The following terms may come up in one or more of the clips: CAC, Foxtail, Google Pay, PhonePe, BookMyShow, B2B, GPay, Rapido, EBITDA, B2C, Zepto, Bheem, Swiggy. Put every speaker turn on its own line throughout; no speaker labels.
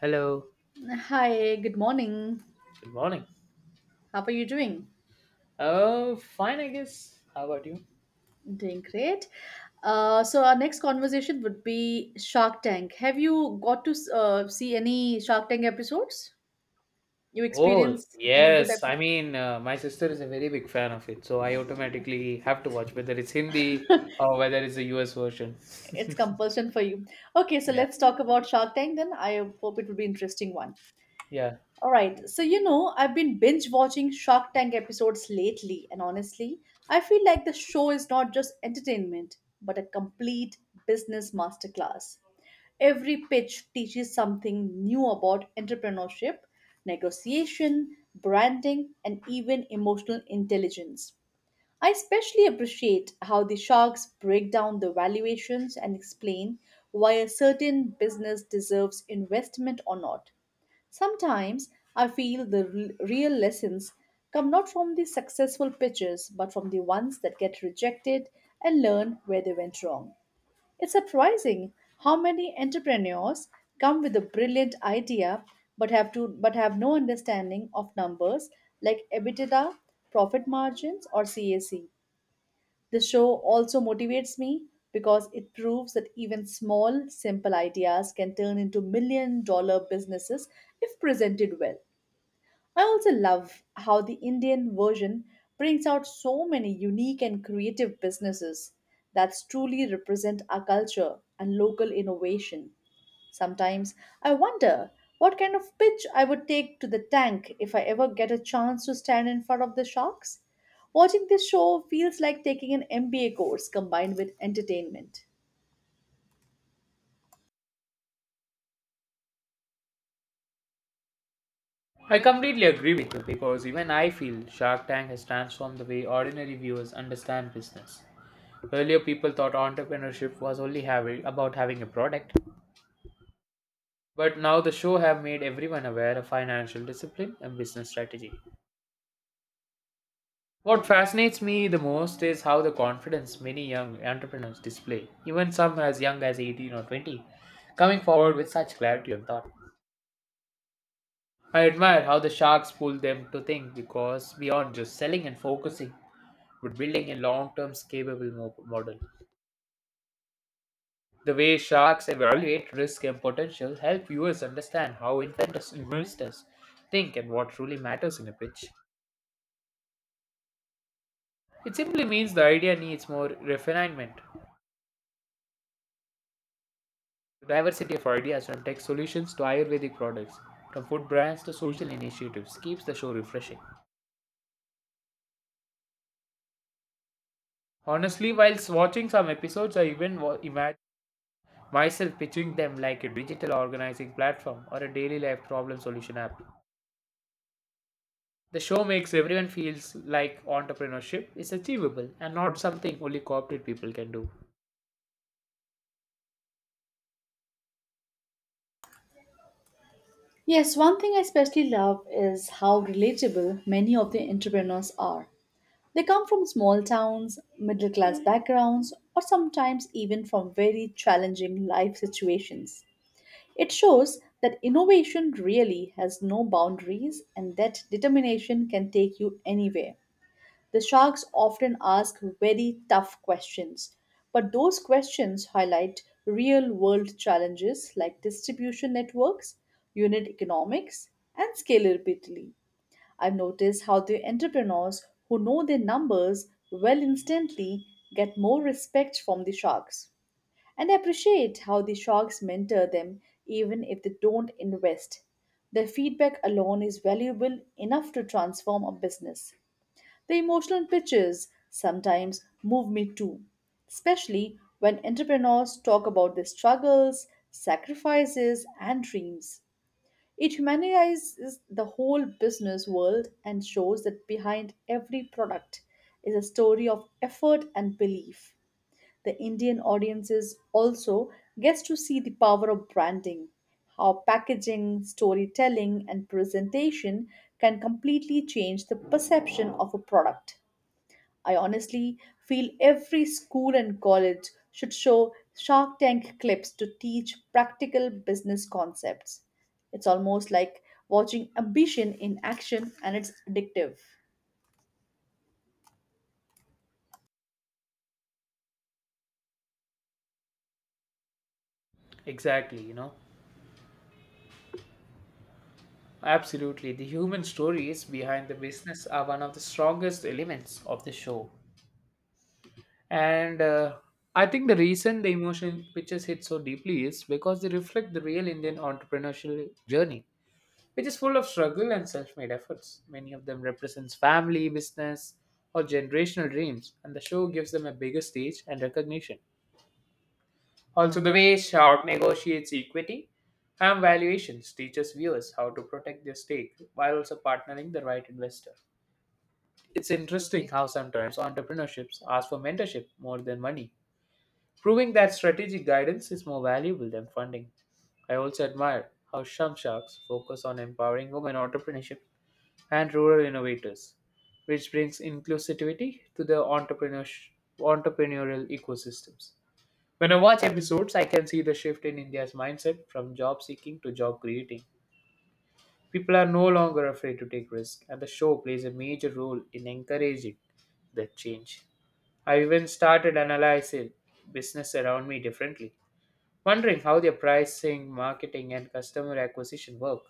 Hello.
Hi, good morning.
Good morning.
How are you doing?
Oh, fine, I guess. How about you?
Doing great. So our next conversation would be Shark Tank. Have you got to see any Shark Tank episodes? You
Oh,
experienced any good
yes.
episodes?
My sister is a very big fan of it, so I automatically have to watch whether it's Hindi or whether it's the US version.
It's compulsion for you. Okay, so
Yeah.
let's talk about Shark Tank then. I hope it will be interesting one.
Yeah.
All right. So, you know, I've been binge watching Shark Tank episodes lately, and honestly, I feel like the show is not just entertainment, but a complete business masterclass. Every pitch teaches something new about entrepreneurship, negotiation, branding, and even emotional intelligence. I especially appreciate how the sharks break down the valuations and explain why a certain business deserves investment or not. Sometimes I feel the real lessons come not from the successful pitches but from the ones that get rejected and learn where they went wrong. It's surprising how many entrepreneurs come with a brilliant idea but have no understanding of numbers like EBITDA, profit margins or CAC. The show also motivates me because it proves that even small, simple ideas can turn into $1 million businesses if presented well. I also love how the Indian version brings out so many unique and creative businesses that truly represent our culture and local innovation. Sometimes I wonder what kind of pitch I would take to the tank if I ever get a chance to stand in front of the sharks. Watching this show feels like taking an MBA course combined with entertainment.
I completely agree with you because even I feel Shark Tank has transformed the way ordinary viewers understand business. Earlier, people thought entrepreneurship was only about having a product, but now the show have made everyone aware of financial discipline and business strategy. What fascinates me the most is how the confidence many young entrepreneurs display, even some as young as 18 or 20, coming forward with such clarity of thought. I admire how the sharks pull them to think because beyond just selling and focusing, but building a long term scalable model. The way sharks evaluate risk and potential help viewers understand how inventors investors think and what truly matters in a pitch. It simply means the idea needs more refinement. The diversity of ideas from tech solutions to Ayurvedic products, from food brands to social initiatives, keeps the show refreshing. Honestly, whilst watching some episodes, I even imagine myself pitching them like a digital organizing platform or a daily life problem solution app. The show makes everyone feels like entrepreneurship is achievable and not something only corporate people can do.
Yes, one thing I especially love is how relatable many of the entrepreneurs are. They come from small towns, middle class backgrounds, or sometimes even from very challenging life situations. It shows that innovation really has no boundaries and that determination can take you anywhere. The sharks often ask very tough questions, but those questions highlight real world challenges like distribution networks, unit economics, and scalability. I've noticed how the entrepreneurs who know their numbers well instantly get more respect from the sharks. And I appreciate how the sharks mentor them even if they don't invest. Their feedback alone is valuable enough to transform a business. The emotional pitches sometimes move me too, especially when entrepreneurs talk about their struggles, sacrifices, and dreams. It humanizes the whole business world and shows that behind every product is a story of effort and belief. The Indian audiences also gets to see the power of branding, how packaging, storytelling and presentation can completely change the perception of a product. I honestly feel every school and college should show Shark Tank clips to teach practical business concepts. It's almost like watching ambition in action and it's addictive.
Exactly. Absolutely. The human stories behind the business are one of the strongest elements of the show. And I think the reason the emotion pictures hit so deeply is because they reflect the real Indian entrepreneurial journey, which is full of struggle and self-made efforts. Many of them represents family, business, or generational dreams, and the show gives them a bigger stage and recognition. Also, the way Sharp negotiates equity and valuations teaches viewers how to protect their stake while also partnering the right investor. It's interesting how sometimes entrepreneurships ask for mentorship more than money proving that strategic guidance is more valuable than funding. I also admire how Shamshak's focus on empowering women entrepreneurship and rural innovators, which brings inclusivity to the entrepreneurial ecosystems. When I watch episodes, I can see the shift in India's mindset from job seeking to job creating. People are no longer afraid to take risks, and the show plays a major role in encouraging that change. I even started analyzing business around me differently wondering how their pricing, marketing, and customer acquisition work.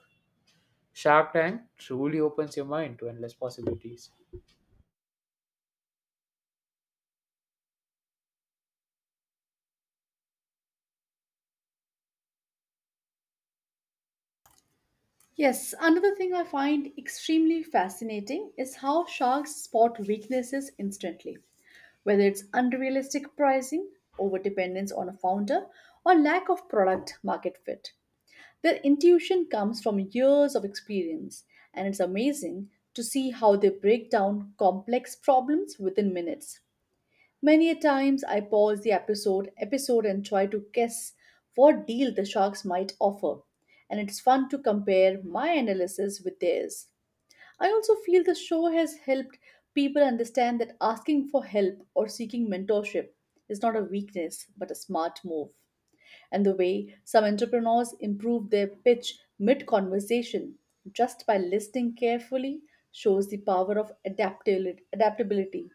Shark Tank truly opens your mind to endless possibilities.
Yes, another thing I find extremely fascinating is how sharks spot weaknesses instantly. Whether it's unrealistic pricing, overdependence on a founder, or lack of product market fit, their intuition comes from years of experience, and it's amazing to see how they break down complex problems within minutes. Many a times I pause the episode and try to guess what deal the sharks might offer, and it's fun to compare my analysis with theirs. I also feel the show has helped people understand that asking for help or seeking mentorship is not a weakness but a smart move, and the way some entrepreneurs improve their pitch mid conversation just by listening carefully shows the power of adaptability.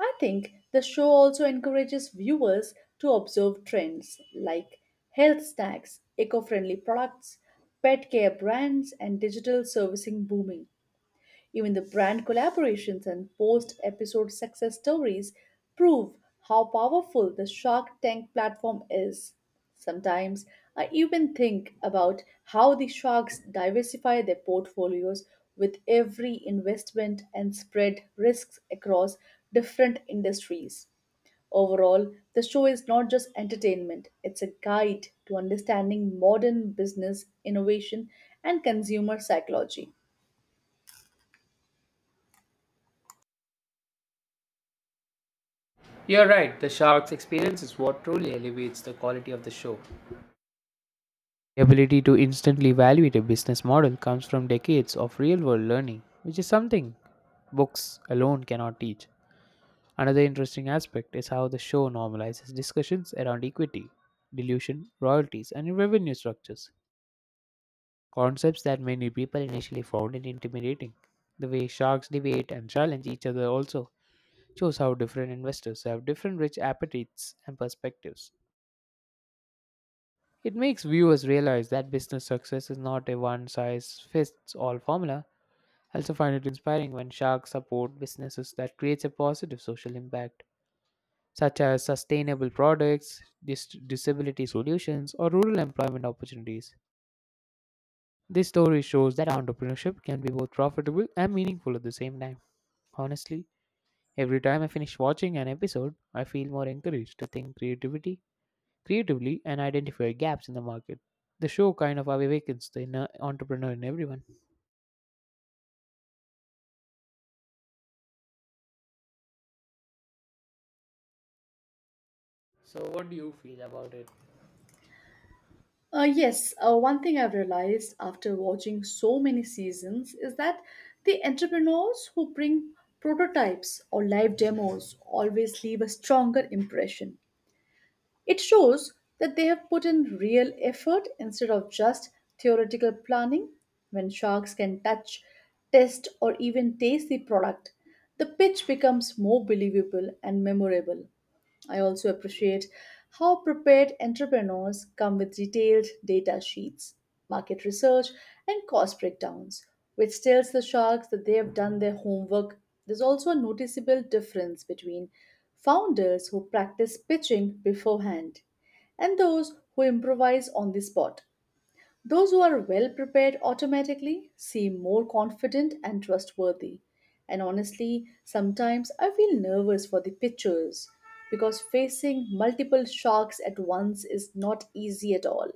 I think the show also encourages viewers to observe trends like health snacks, eco friendly products, pet care brands, and digital servicing booming. Even the brand collaborations and post episode success stories prove how powerful the Shark Tank platform is. Sometimes I even think about how the sharks diversify their portfolios with every investment and spread risks across different industries. Overall, the show is not just entertainment, it's a guide to understanding modern business, innovation, and consumer psychology.
You're right, the Shark's experience is what truly elevates the quality of the show. The ability to instantly evaluate a business model comes from decades of real world learning, which is something books alone cannot teach. Another interesting aspect is how the show normalizes discussions around equity, dilution, royalties, and revenue structures. Concepts that many people initially found it intimidating. The way sharks debate and challenge each other also shows how different investors have different rich appetites and perspectives. It makes viewers realize that business success is not a one size fits all formula. I also find it inspiring when sharks support businesses that creates a positive social impact, such as sustainable products, disability solutions, or rural employment opportunities. This story shows that entrepreneurship can be both profitable and meaningful at the same time. Honestly, every time I finish watching an episode, I feel more encouraged to think creatively and identify gaps in the market. The show kind of awakens the inner entrepreneur in everyone. So, what do you feel about it?
Yes, one thing I've realized after watching so many seasons is that the entrepreneurs who bring prototypes or live demos always leave a stronger impression. It shows that they have put in real effort instead of just theoretical planning. When sharks can touch, test, or even taste the product, the pitch becomes more believable and memorable. I also appreciate how prepared entrepreneurs come with detailed data sheets, market research, and cost breakdowns, which tells the sharks that they have done their homework. There's also a noticeable difference between founders who practice pitching beforehand and those who improvise on the spot. Those who are well prepared automatically seem more confident and trustworthy. And honestly, sometimes I feel nervous for the pitchers because facing multiple sharks at once is not easy at all.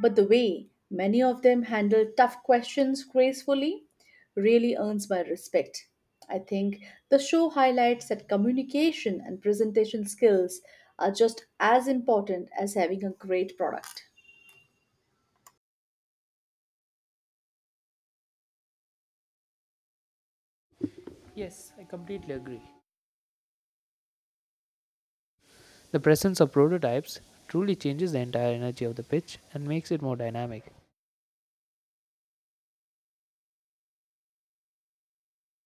But the way many of them handle tough questions gracefully really earns my respect. I think the show highlights that communication and presentation skills are just as important as having a great product.
Yes, I completely agree. The presence of prototypes truly changes the entire energy of the pitch and makes it more dynamic.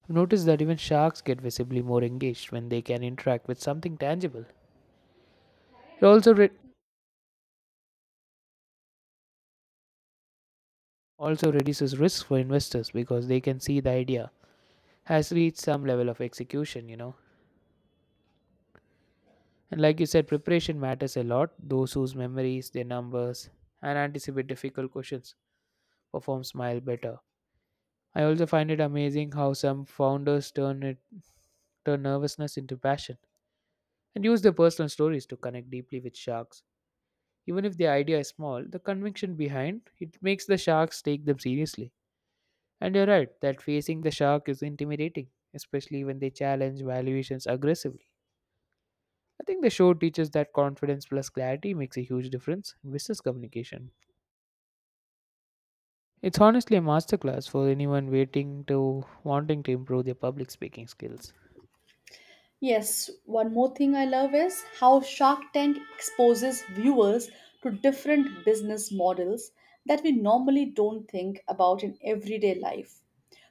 I've noticed that even sharks get visibly more engaged when they can interact with something tangible. It also reduces risk for investors because they can see the idea has reached some level of execution. And like you said, preparation matters a lot. Those whose memories, their numbers, and anticipate difficult questions perform smile better. I also find it amazing how some founders turn nervousness into passion and use their personal stories to connect deeply with sharks. Even if the idea is small, the conviction behind it makes the sharks take them seriously. And you're right that facing the shark is intimidating, especially when they challenge valuations aggressively. I think the show teaches that confidence plus clarity makes a huge difference in business communication. It's honestly a masterclass for anyone waiting to wanting to improve their public speaking skills.
Yes, one more thing I love is how Shark Tank exposes viewers to different business models that we normally don't think about in everyday life.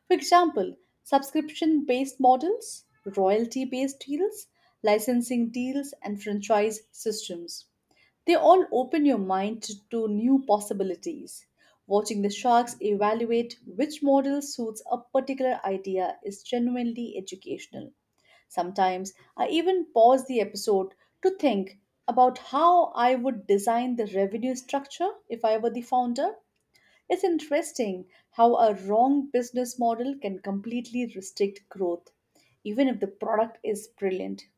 For example, subscription based models, royalty based deals, licensing deals, and franchise systems. They all open your mind to new possibilities. Watching the sharks evaluate which model suits a particular idea is genuinely educational. Sometimes I even pause the episode to think about how I would design the revenue structure if I were the founder. It's interesting how a wrong business model can completely restrict growth, even if the product is brilliant.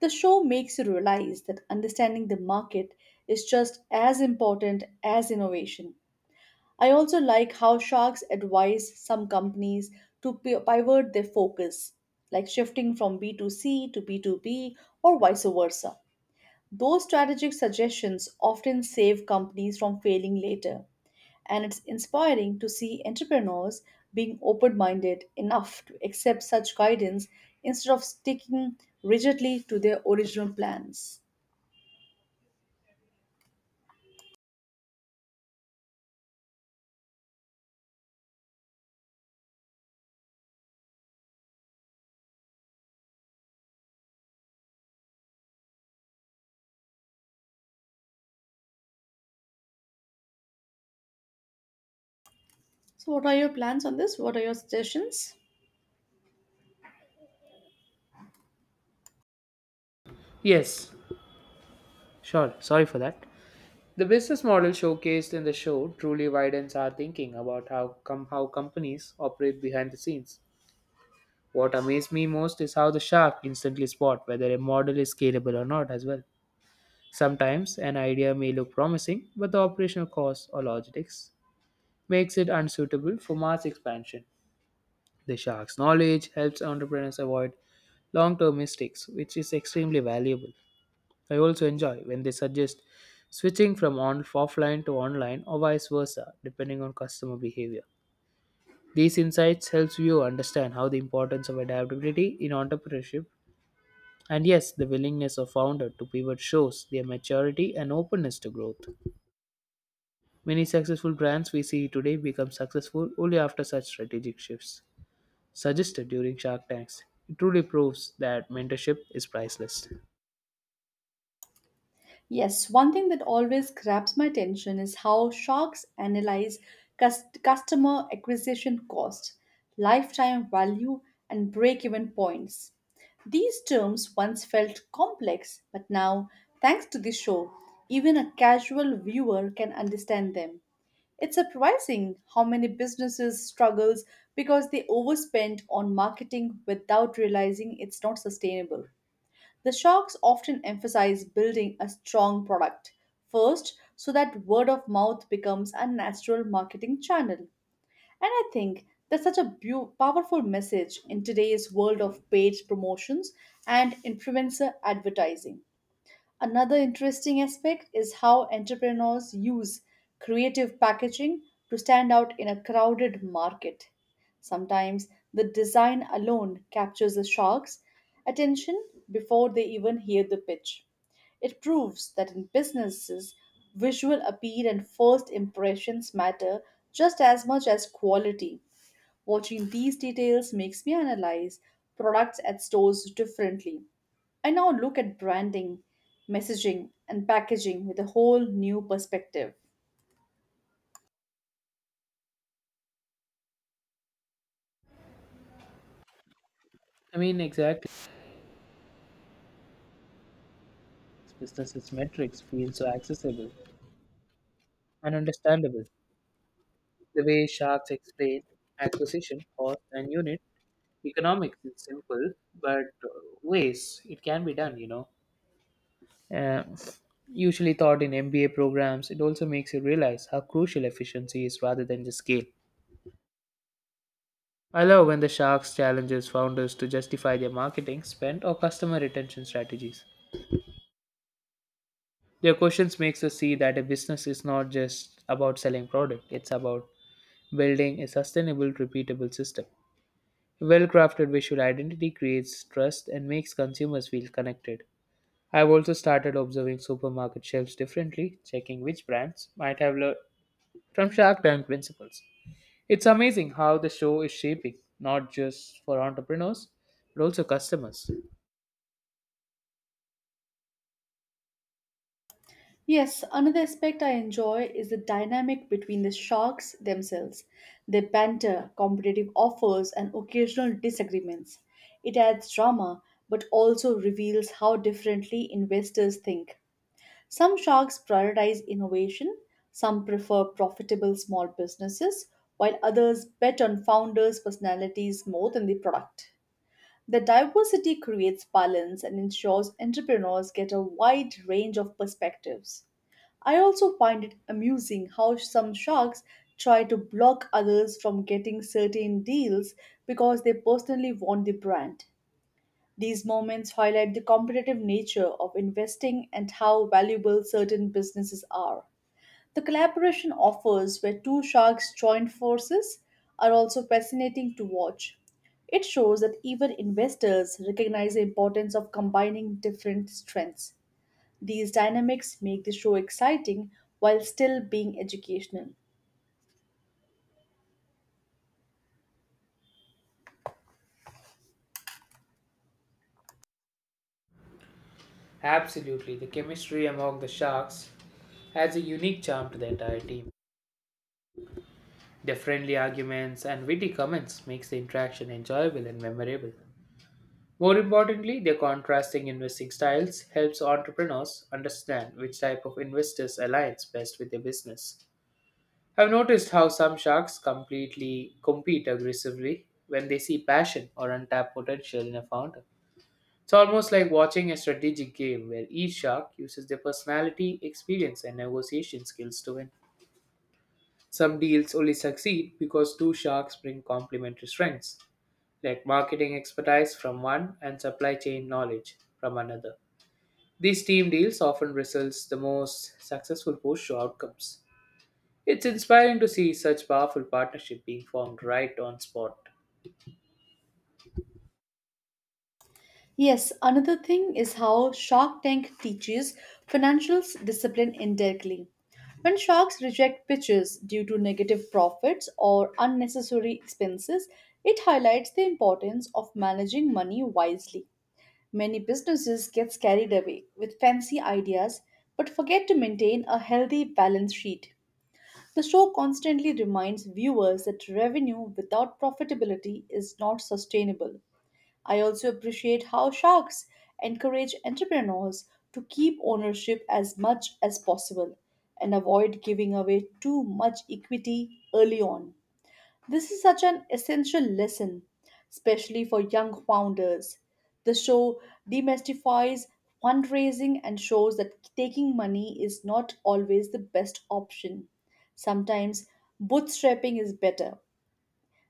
The show makes you realize that understanding the market is just as important as innovation. I also like how sharks advise some companies to pivot their focus, like shifting from B2C to B2B or vice versa. Those strategic suggestions often save companies from failing later, and it's inspiring to see entrepreneurs being open minded enough to accept such guidance instead of sticking rigidly to their original plans. So, what are your plans on this? What are your suggestions?
Yes, sure. Sorry for that. The business model showcased in the show truly widens our thinking about how companies operate behind the scenes. What amazed me most is how the shark instantly spot whether a model is scalable or not as well. Sometimes an idea may look promising, but the operational costs or logistics makes it unsuitable for mass expansion. The shark's knowledge helps entrepreneurs avoid long term mistakes, which is extremely valuable. I also enjoy when they suggest switching from offline to online or vice versa, depending on customer behavior. These insights helps you understand how the importance of adaptability in entrepreneurship and yes, the willingness of founder to pivot shows their maturity and openness to growth. Many successful brands we see today become successful only after such strategic shifts suggested during Shark Tanks. It truly proves that mentorship is priceless.
Yes, one thing that always grabs my attention is how sharks analyze customer acquisition cost, lifetime value, and break even points. These terms once felt complex, but now, thanks to this show, even a casual viewer can understand them. It's surprising how many businesses struggles because they overspend on marketing without realizing it's not sustainable. The sharks often emphasize building a strong product first so that word of mouth becomes a natural marketing channel. And I think that's such a powerful message in today's world of paid promotions and influencer advertising. Another interesting aspect is how entrepreneurs use creative packaging to stand out in a crowded market. Sometimes the design alone captures the shark's attention before they even hear the pitch. It proves that in businesses, visual appeal and first impressions matter just as much as quality. Watching these details makes me analyze products at stores differently. I now look at branding, messaging, and packaging with a whole new perspective.
I mean, exactly. Businesses' metrics feel so accessible and understandable. The way sharks explain acquisition, cost, and unit economics is simple, but uh, ways it can be done, Uh, Usually taught in MBA programs, it also makes you realize how crucial efficiency is rather than just scale. I love when the Sharks challenges founders to justify their marketing, spend, or customer retention strategies. Their questions makes us see that a business is not just about selling product, it's about building a sustainable, repeatable system. Well-crafted visual identity creates trust and makes consumers feel connected. I've also started observing supermarket shelves differently, checking which brands might have learned from Shark Tank principles. It's amazing how the show is shaping, not just for entrepreneurs, but also customers.
Yes, another aspect I enjoy is the dynamic between the sharks themselves. Their banter, competitive offers, and occasional disagreements. It adds drama but also reveals how differently investors think. Some sharks prioritize innovation, some prefer profitable small businesses, while others bet on founders' personalities more than the product. The diversity creates balance and ensures entrepreneurs get a wide range of perspectives. I also find it amusing how some sharks try to block others from getting certain deals because they personally want the brand. These moments highlight the competitive nature of investing and how valuable certain businesses are. The collaboration offers where two sharks join forces are also fascinating to watch. It shows that even investors recognize the importance of combining different strengths. These dynamics make the show exciting while still being educational.
Absolutely, the chemistry among the sharks adds a unique charm to the entire team. Their friendly arguments and witty comments makes the interaction enjoyable and memorable. More importantly, their contrasting investing styles helps entrepreneurs understand which type of investors aligns best with their business. I've noticed how some sharks completely compete aggressively when they see passion or untapped potential in a founder. It's almost like watching a strategic game where each shark uses their personality, experience, and negotiation skills to win. Some deals only succeed because two sharks bring complementary strengths, like marketing expertise from one and supply chain knowledge from another. These team deals often results the most successful push to outcomes. It's inspiring to see such powerful partnership being formed right on spot.
Yes, another thing is how Shark Tank teaches financial discipline indirectly. When sharks reject pitches due to negative profits or unnecessary expenses, it highlights the importance of managing money wisely. Many businesses get carried away with fancy ideas but forget to maintain a healthy balance sheet. The show constantly reminds viewers that revenue without profitability is not sustainable. I also appreciate how sharks encourage entrepreneurs to keep ownership as much as possible and avoid giving away too much equity early on. This is such an essential lesson, especially for young founders. The show demystifies fundraising and shows that taking money is not always the best option. Sometimes bootstrapping is better.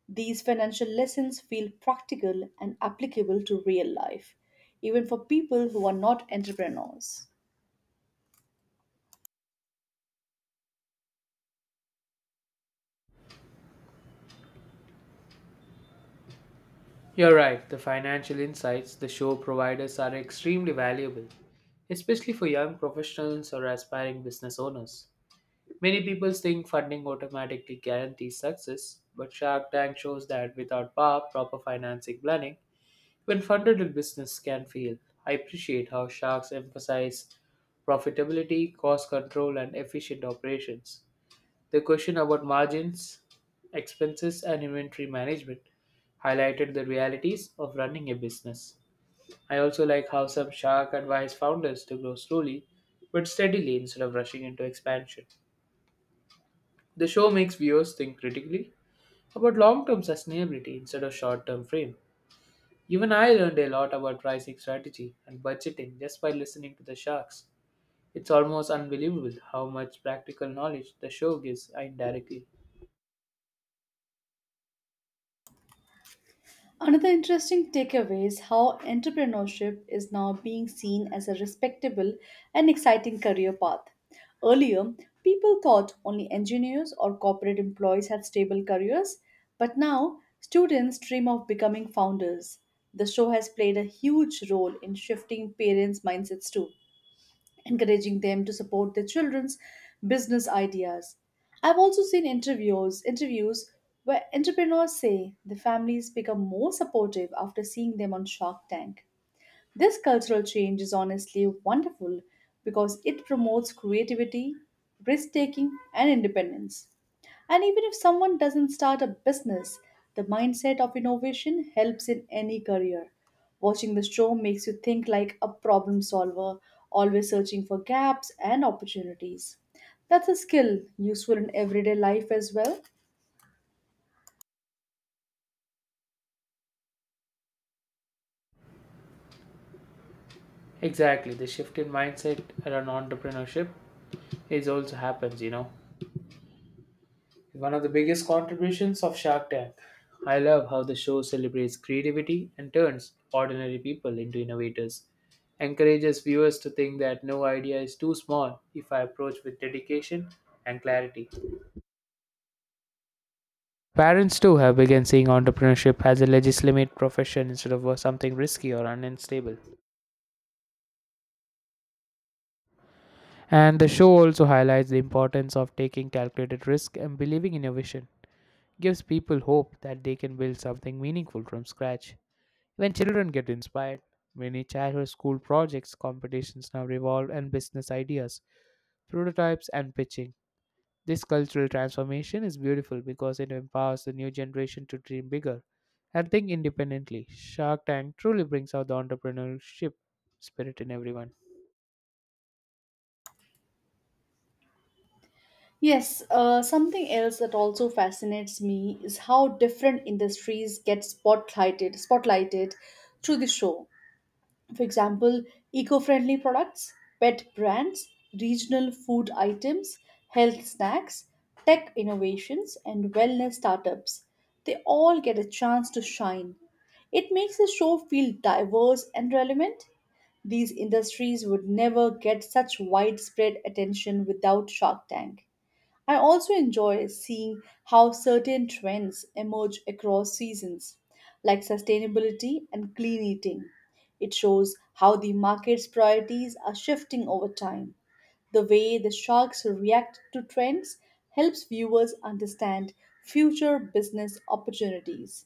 These financial lessons feel practical and applicable to real life, even for people who are not entrepreneurs.
You're right, the financial insights the show providers are extremely valuable, especially for young professionals or aspiring business owners. Many people think funding automatically guarantees success, but Shark Tank shows that without proper financing planning, when funded, a business can fail. I appreciate how sharks emphasize profitability, cost control, and efficient operations. The question about margins, expenses, and inventory management highlighted the realities of running a business. I also like how some shark advise founders to grow slowly but steadily instead of rushing into expansion. The show makes viewers think critically about long term sustainability instead of short term frames. Even I learned a lot about pricing strategy and budgeting just by listening to the sharks. It's almost unbelievable how much practical knowledge the show gives indirectly.
Another interesting takeaway is how entrepreneurship is now being seen as a respectable and exciting career path. Earlier, people thought only engineers or corporate employees had stable careers, but now students dream of becoming founders. The show has played a huge role in shifting parents' mindsets too, encouraging them to support their children's business ideas. I've also seen interviews where entrepreneurs say the families become more supportive after seeing them on Shark Tank. This cultural change is honestly wonderful because it promotes creativity, risk taking, and independence. And even if someone doesn't start a business, the mindset of innovation helps in any career. Watching the show makes you think like a problem solver, always searching for gaps and opportunities. That's a skill useful in everyday life as well.
Exactly, the shift in mindset around entrepreneurship is also happens. One of the biggest contributions of Shark Tank. I love how the show celebrates creativity and turns ordinary people into innovators. Encourages viewers to think that no idea is too small if I approach with dedication and clarity. Parents too have begun seeing entrepreneurship as a legitimate profession instead of something risky or unstable. And the show also highlights the importance of taking calculated risk and believing in your vision. Gives people hope that they can build something meaningful from scratch. When children get inspired, many childhood school projects, competitions now revolve and business ideas, prototypes and pitching. This cultural transformation is beautiful because it empowers the new generation to dream bigger and think independently. Shark Tank truly brings out the entrepreneurship spirit in everyone.
Yes, something else that also fascinates me is how different industries get spotlighted through the show. For example, eco-friendly products, pet brands, regional food items, health snacks, tech innovations, and wellness startups. They all get a chance to shine. It makes the show feel diverse and relevant. These industries would never get such widespread attention without Shark Tank. I also enjoy seeing how certain trends emerge across seasons, like sustainability and clean eating. It shows how the market's priorities are shifting over time. The way the sharks react to trends helps viewers understand future business opportunities.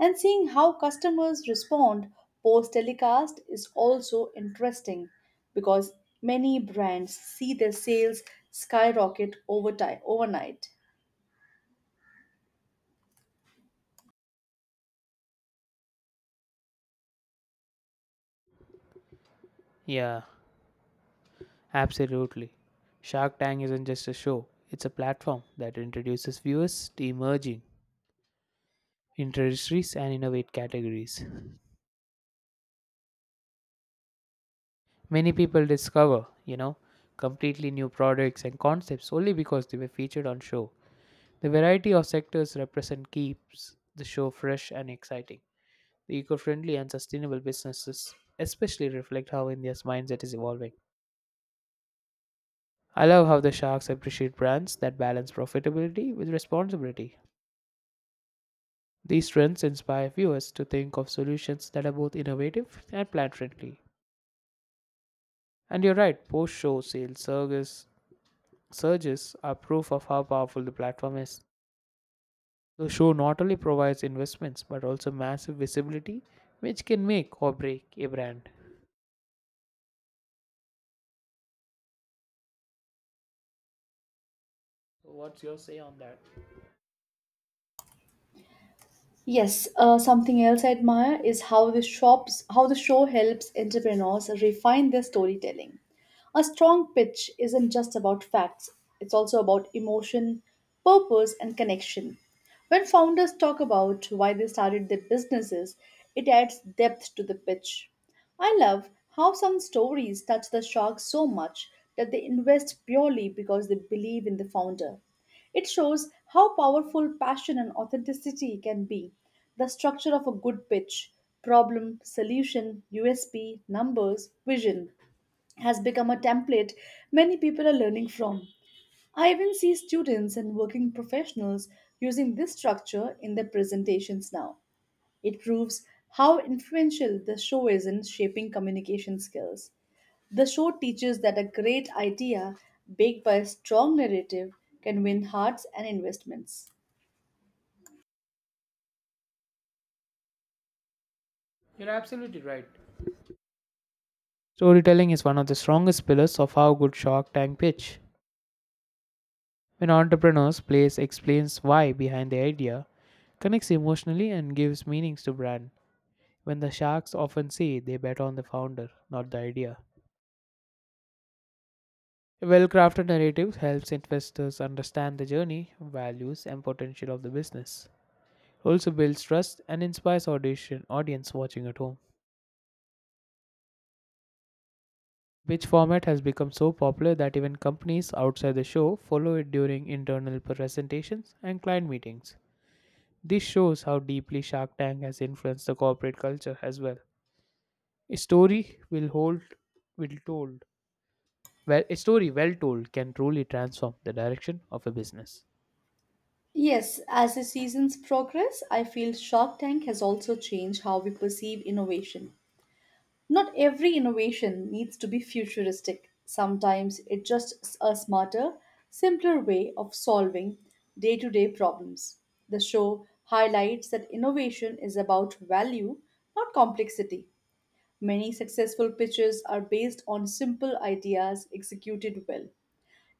And seeing how customers respond post telecast is also interesting because many brands see their sales skyrocket over time, overnight.
Yeah, absolutely. Shark Tank isn't just a show, it's a platform that introduces viewers to emerging industries and innovate categories. Many people completely new products and concepts only because they were featured on show. The variety of sectors represent keeps the show fresh and exciting. The eco friendly and sustainable businesses especially reflect how India's mindset is evolving. I love how the sharks appreciate brands that balance profitability with responsibility. These trends inspire viewers to think of solutions that are both innovative and planet friendly. And you're right, post show surges are proof of how powerful the platform is. The show not only provides investments but also massive visibility, which can make or break a brand. So what's your say on that?
Yes, something else I admire is how how the show helps entrepreneurs refine their storytelling. A strong pitch isn't just about facts, it's also about emotion, purpose, and connection. When founders talk about why they started their businesses, it adds depth to the pitch. I love how some stories touch the shark so much that they invest purely because they believe in the founder. It shows how powerful passion and authenticity can be. The structure of a good pitch, problem, solution, USP, numbers, vision, has become a template many people are learning from. I even see students and working professionals using this structure in their presentations now. It proves how influential the show is in shaping communication skills. The show teaches that a great idea backed by a strong narrative can win hearts and investments.
You're absolutely right. Storytelling is one of the strongest pillars of how good Shark Tank pitch. When entrepreneurs place explains why behind the idea, connects emotionally and gives meanings to brand. When the sharks often say they bet on the founder, not the idea. A well-crafted narrative helps investors understand the journey, values, and potential of the business. Also builds trust and inspires audition audience watching at home. Which format has become so popular that even companies outside the show follow it during internal presentations and client meetings. This shows how deeply Shark Tank has influenced the corporate culture as well. A story will hold will told well A story well told can truly transform the direction of a business.
Yes, as the seasons progress, I feel Shark Tank has also changed how we perceive innovation. Not every innovation needs to be futuristic. Sometimes it's just a smarter, simpler way of solving day to day problems. The show highlights that innovation is about value, not complexity. Many successful pitches are based on simple ideas executed well.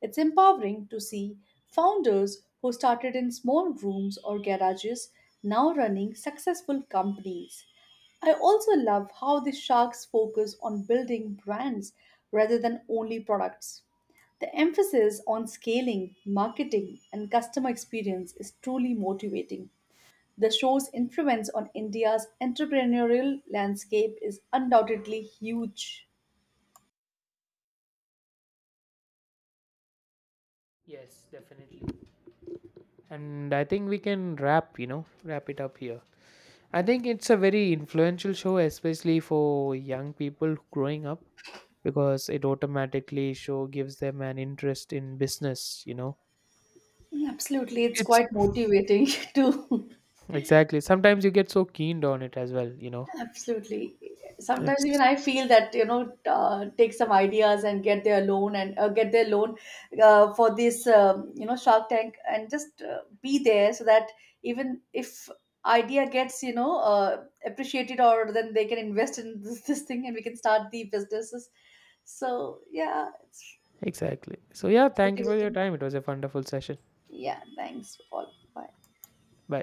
It's empowering to see founders who started in small rooms or garages now running successful companies. I also love how the sharks focus on building brands rather than only products. The emphasis on scaling, marketing, and customer experience is truly motivating. The show's influence on India's entrepreneurial landscape is undoubtedly huge.
Yes, definitely. And I think we can wrap it up here. I think it's a very influential show, especially for young people growing up, because it automatically show gives them an interest in business.
Absolutely, it's
It's
quite motivating too.
exactly Sometimes you get so keened on it as well you know
Absolutely. Sometimes even
it's
I feel that you know take some ideas and get their loan and get their loan for this you know Shark Tank and just be there so that even if idea gets you know appreciated or then they can invest in this, this thing and we can start the businesses. So yeah, it's
exactly So yeah, thank you for your
motivating.
time. It was a wonderful session.
Yeah, thanks all. Bye.
Bye.